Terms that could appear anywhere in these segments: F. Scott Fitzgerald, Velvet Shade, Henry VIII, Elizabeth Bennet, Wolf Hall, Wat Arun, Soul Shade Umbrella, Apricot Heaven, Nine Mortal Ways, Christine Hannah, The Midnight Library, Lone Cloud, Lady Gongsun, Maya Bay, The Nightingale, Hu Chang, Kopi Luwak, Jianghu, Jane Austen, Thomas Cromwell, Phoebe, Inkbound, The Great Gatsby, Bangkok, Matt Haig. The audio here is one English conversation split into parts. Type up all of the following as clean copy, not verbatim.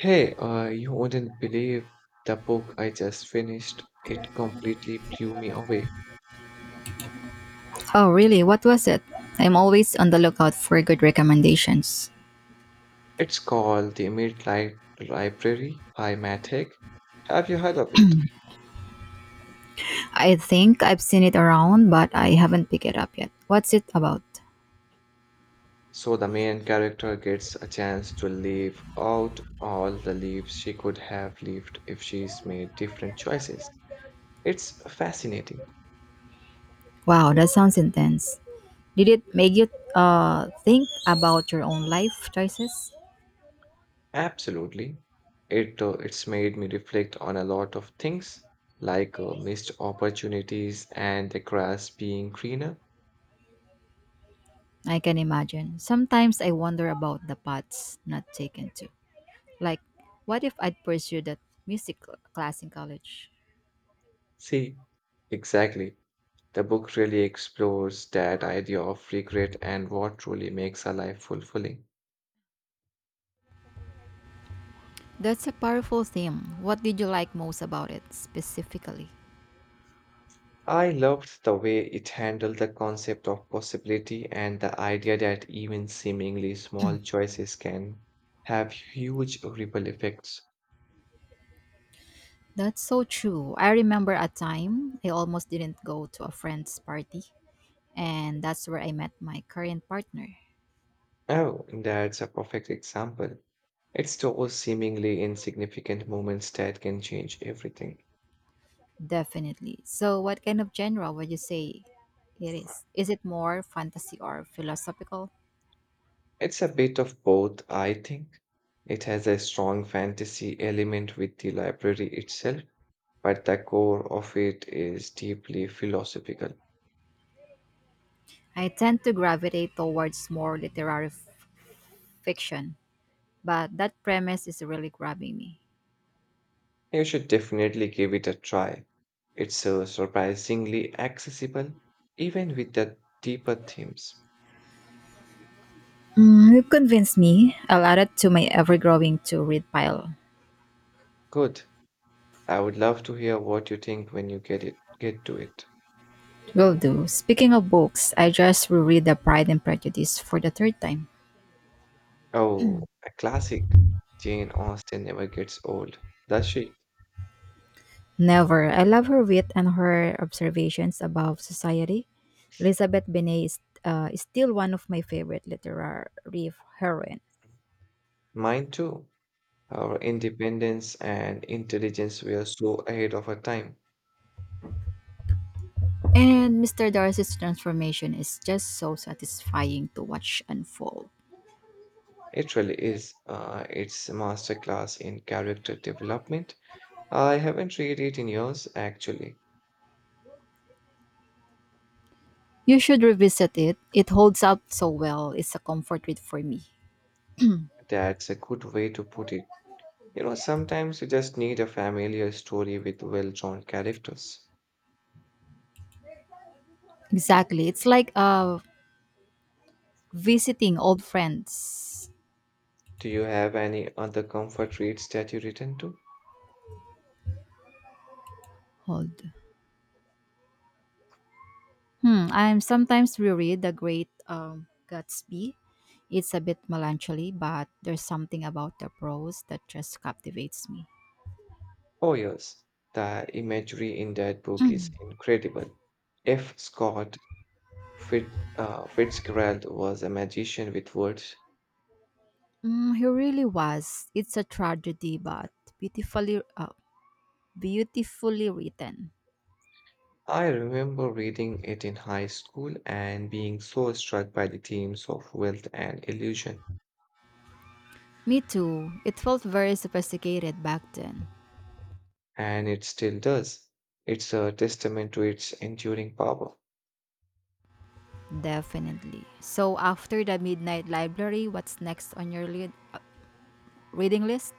Hey, you wouldn't believe the book I just finished. It completely blew me away. Oh, really? What was it? I'm always on the lookout for good recommendations. It's called The Midnight Library by Matt Haig. Have you heard of it? I think I've seen it around, but I haven't picked it up yet. What's it about? So the main character gets a chance to live out all the lives she could have lived if she's made different choices. It's fascinating. Wow, that sounds intense. Did it make you think about your own life choices? Absolutely. It's made me reflect on a lot of things like missed opportunities and the grass being greener. I can imagine. Sometimes I wonder about the paths not taken to. Like, what if I'd pursued that music class in college? See, exactly. The book really explores that idea of regret and what truly makes a life fulfilling. That's a powerful theme. What did you like most about it specifically? I loved the way it handled the concept of possibility and the idea that even seemingly small choices can have huge ripple effects. That's so true. I remember a time I almost didn't go to a friend's party, and that's where I met my current partner. Oh, that's a perfect example. It's those seemingly insignificant moments that can change everything. Definitely. So, what kind of genre would you say it is? Is it more fantasy or philosophical? It's a bit of both, I think. It has a strong fantasy element with the library itself, but the core of it is deeply philosophical. I tend to gravitate towards more literary fiction, but that premise is really grabbing me. You should definitely give it a try. It's surprisingly accessible, even with the deeper themes. Mm, you've convinced me. I'll add it to my ever growing to read pile. Good. I would love to hear what you think when you get to it. Will do. Speaking of books, I just reread The Pride and Prejudice for the third time. Oh, a classic. Jane Austen never gets old, does she? Never. I love her wit and her observations about society. Elizabeth Benet is still one of my favorite literary heroine. Mine too. Our independence and intelligence were so ahead of our time. And Mr. Darcy's transformation is just so satisfying to watch unfold. It really is. It's a masterclass in character development. I haven't read it in years, actually. You should revisit it. It holds up so well. It's a comfort read for me. That's a good way to put it. You know, sometimes you just need a familiar story with well-drawn characters. Exactly. It's like visiting old friends. Do you have any other comfort reads that you return to? Hold. Hmm, I'm sometimes reread The Great Gatsby. It's a bit melancholy, but there's something about the prose that just captivates me. Oh, yes. The imagery in that book is incredible. F. Scott Fitzgerald was a magician with words. Mm, he really was. It's a tragedy, but beautifully, uh, beautifully written. I remember reading it in high school and being so struck by the themes of wealth and illusion, Me too. It felt very sophisticated back then. and it still does. It's a testament to its enduring power. Definitely. So, after the Midnight Library, what's next on your reading list?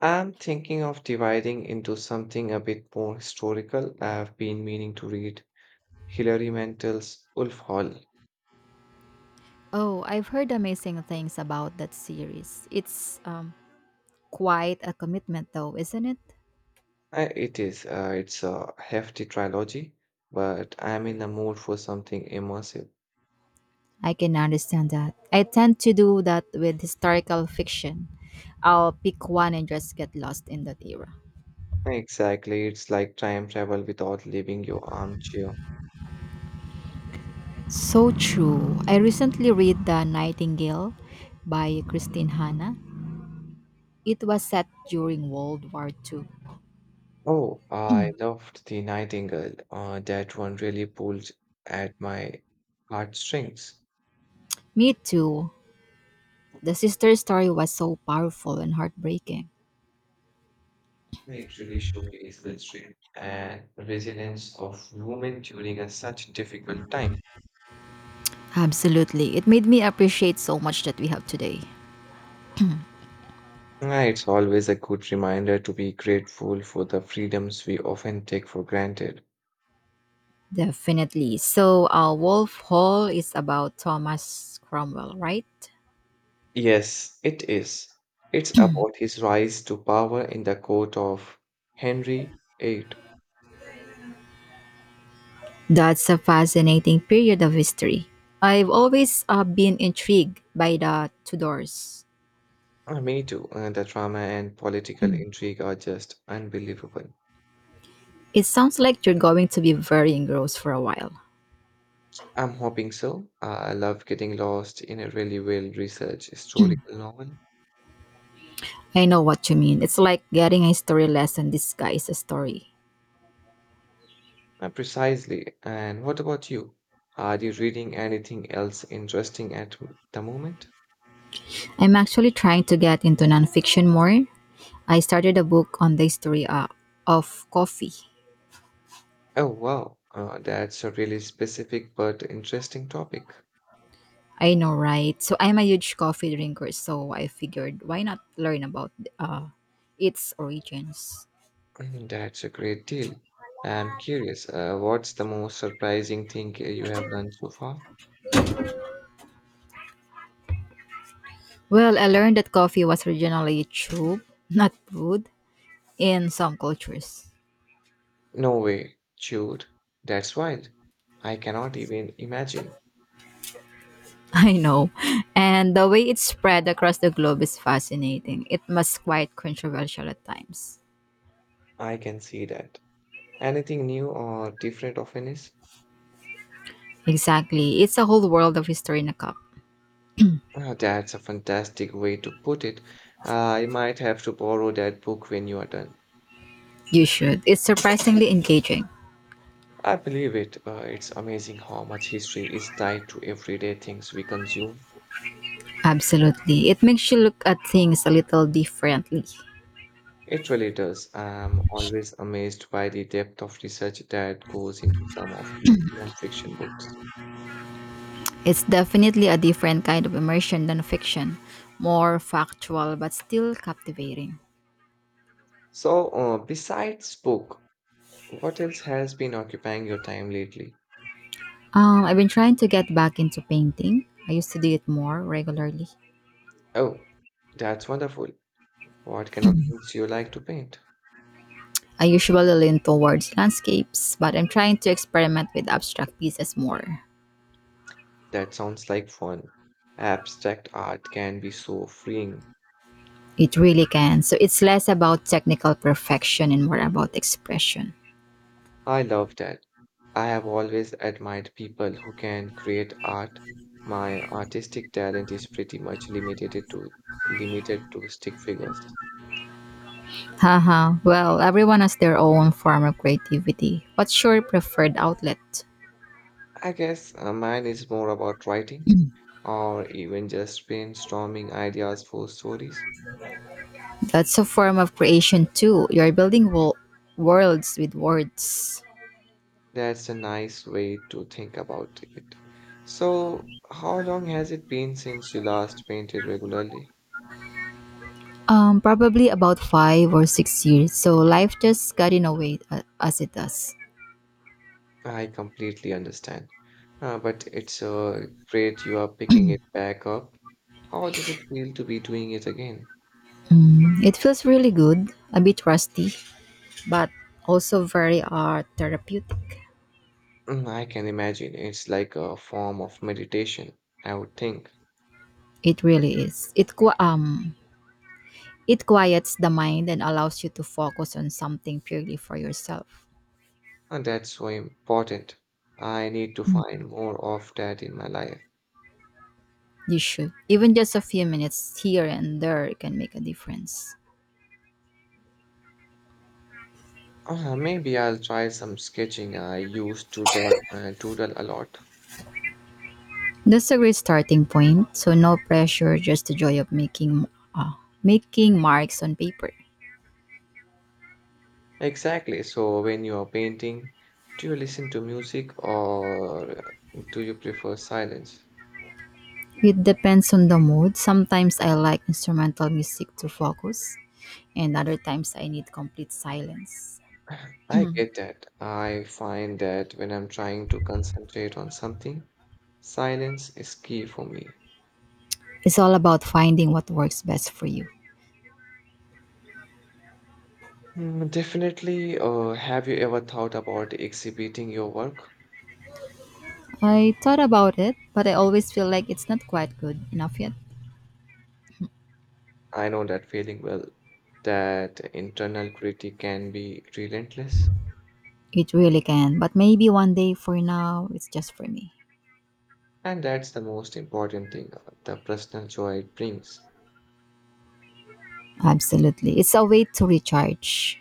I'm thinking of dividing into something a bit more historical. I've been meaning to read Hilary Mantel's Wolf Hall. Oh, I've heard amazing things about that series. It's quite a commitment though, isn't it? It is, it's a hefty trilogy, but I'm in the mood for something immersive. I can understand that. I tend to do that with historical fiction. I'll pick one and just get lost in that era. Exactly, it's like time travel without leaving your armchair. So true. I recently read The Nightingale by Christine Hanna. It was set during World War Two. Oh, I loved The Nightingale. That one really pulled at my heartstrings. Me too. The sister story was so powerful and heartbreaking. It really showcased the strength and resilience of women during a such difficult time. Absolutely. It made me appreciate so much that we have today. Ah, it's always a good reminder to be grateful for the freedoms we often take for granted. Definitely. So, Wolf Hall is about Thomas Cromwell, right? Yes, it is. It's about his rise to power in the court of Henry VIII. That's a fascinating period of history. I've always been intrigued by the Tudors. Me too. The drama and political intrigue are just unbelievable. It sounds like you're going to be very engrossed for a while. I'm hoping so. I love getting lost in a really well-researched historical novel. I know what you mean. It's like getting a history lesson disguised as a story. Precisely. And what about you? Are you reading anything else interesting at the moment? I'm actually trying to get into nonfiction more. I started a book on the history of coffee. Oh, wow. That's a really specific but interesting topic. I know, right? So I'm a huge coffee drinker, so I figured why not learn about uh, its origins. Mm, that's a great deal. I'm curious, what's the most surprising thing you have learned so far? Well, I learned that coffee was originally tube, not brewed, in some cultures. No way, Jude. That's wild. I cannot even imagine. I know. And the way it spread across the globe is fascinating. It was quite controversial at times. I can see that. Anything new or different often is? Exactly. It's a whole world of history in a cup. Ah, that's a fantastic way to put it. I might have to borrow that book when you are done. You should. It's surprisingly engaging. I believe it. It's amazing how much history is tied to everyday things we consume. Absolutely. It makes you look at things a little differently. It really does. I'm always amazed by the depth of research that goes into some of these nonfiction books. It's definitely a different kind of immersion than fiction, more factual but still captivating. So, besides book, what else has been occupying your time lately? I've been trying to get back into painting. I used to do it more regularly. Oh, that's wonderful. What kind of things you like to paint? I usually lean towards landscapes, but I'm trying to experiment with abstract pieces more. That sounds like fun. Abstract art can be so freeing. It really can. So it's less about technical perfection and more about expression. I love that. I have always admired people who can create art. My artistic talent is pretty much limited to stick figures. Haha, well, everyone has their own form of creativity. What's your preferred outlet? I guess mine is more about writing or even just brainstorming ideas for stories. That's a form of creation too. You're building worlds with words. That's a nice way to think about it. So, how long has it been since you last painted regularly? Probably about 5 or 6 years. So life just got in a way as it does. I completely understand. But it's great you are picking it back up. How does it feel to be doing it again? It feels really good, a bit rusty, but also very therapeutic. Mm, I can imagine it's like a form of meditation, I would think. It really is. It it quiets the mind and allows you to focus on something purely for yourself. And that's so important. I need to find more of that in my life. You should. Even just a few minutes here and there can make a difference. Maybe I'll try some sketching. I used to doodle a lot. That's a great starting point. So no pressure, just the joy of making uh, making marks on paper. Exactly. So when you are painting, do you listen to music or do you prefer silence? It depends on the mood. Sometimes I like instrumental music to focus, and other times I need complete silence. I get that. I find that when I'm trying to concentrate on something, silence is key for me. It's all about finding what works best for you. Mm, definitely. Have you ever thought about exhibiting your work? I thought about it, but I always feel like it's not quite good enough yet. I know that feeling well, that internal critic can be relentless, It really can, but maybe one day for now, it's just for me. and that's the most important thing, the personal joy it brings. Absolutely. It's a way to recharge.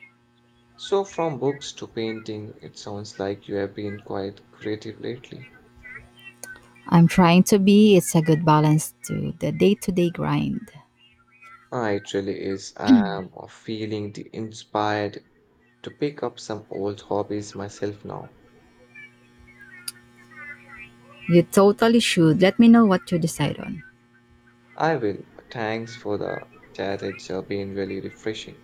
So, from books to painting, it sounds like you have been quite creative lately. I'm trying to be. It's a good balance to the day to day grind. Ah, it really is. I'm feeling the inspired to pick up some old hobbies myself now. You totally should. Let me know what you decide on. I will. Thanks for the chat. It's been really refreshing.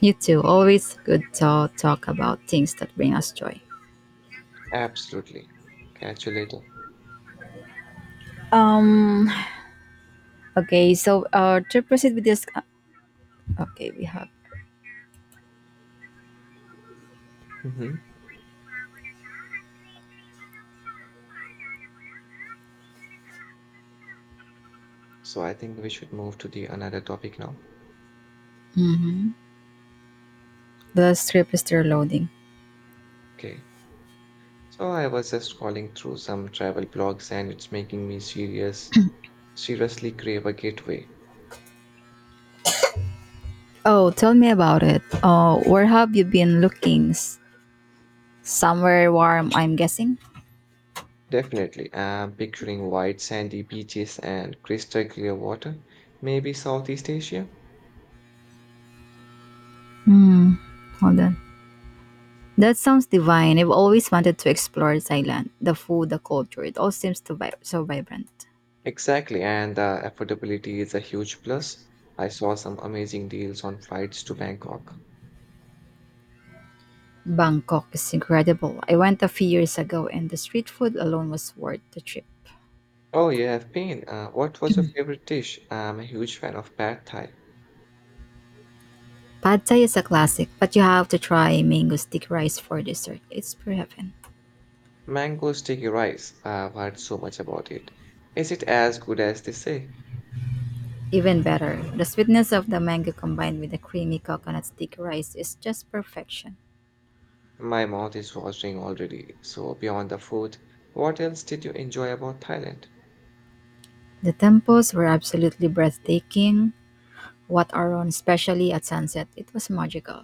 You too. Always good to talk about things that bring us joy. Absolutely. Catch you later. Um. Okay. So, to proceed with this, okay, we have. Hmm. So, I think we should move to the another topic now. Mhm. The script is still loading. Okay. So, I was just scrolling through some travel blogs, and it's making me seriously crave a getaway. Oh, tell me about it. Where have you been looking? Somewhere warm, I'm guessing. Definitely. I'm picturing white sandy beaches and crystal clear water, maybe Southeast Asia. Hold on. That sounds divine. I've always wanted to explore Thailand, the food, the culture. It all seems to so vibrant. Exactly, and affordability is a huge plus. I saw some amazing deals on flights to Bangkok. Bangkok is incredible. I went a few years ago, and the street food alone was worth the trip. Oh, you have been. What was your favorite dish? I'm a huge fan of pad thai. Pad Thai is a classic, but you have to try mango stick rice for dessert. It's pure heaven. Mango sticky rice. I've heard so much about it. Is it as good as they say? Even better, the sweetness of the mango combined with the creamy coconut stick rice is just perfection. My mouth is watering already. So, beyond the food, what else did you enjoy about Thailand? The temples were absolutely breathtaking. Wat Aron, especially at sunset, it was magical.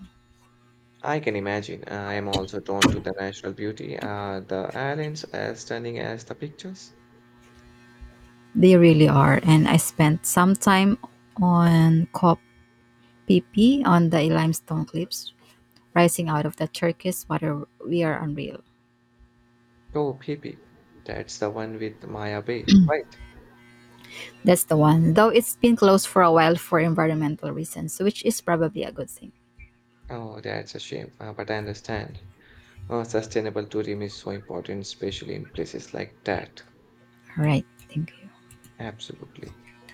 I can imagine. I am also drawn to the natural beauty. Are the islands as stunning as the pictures? They really are. And I spent some time on Kopipi, on the limestone cliffs rising out of the turquoise water. We are unreal. Oh, Phoebe, that's the one with Maya Bay, right? That's the one. Though it's been closed for a while for environmental reasons, which is probably a good thing. Oh, that's a shame, but I understand. Sustainable tourism is so important, especially in places like that. All right. Thank you. Absolutely.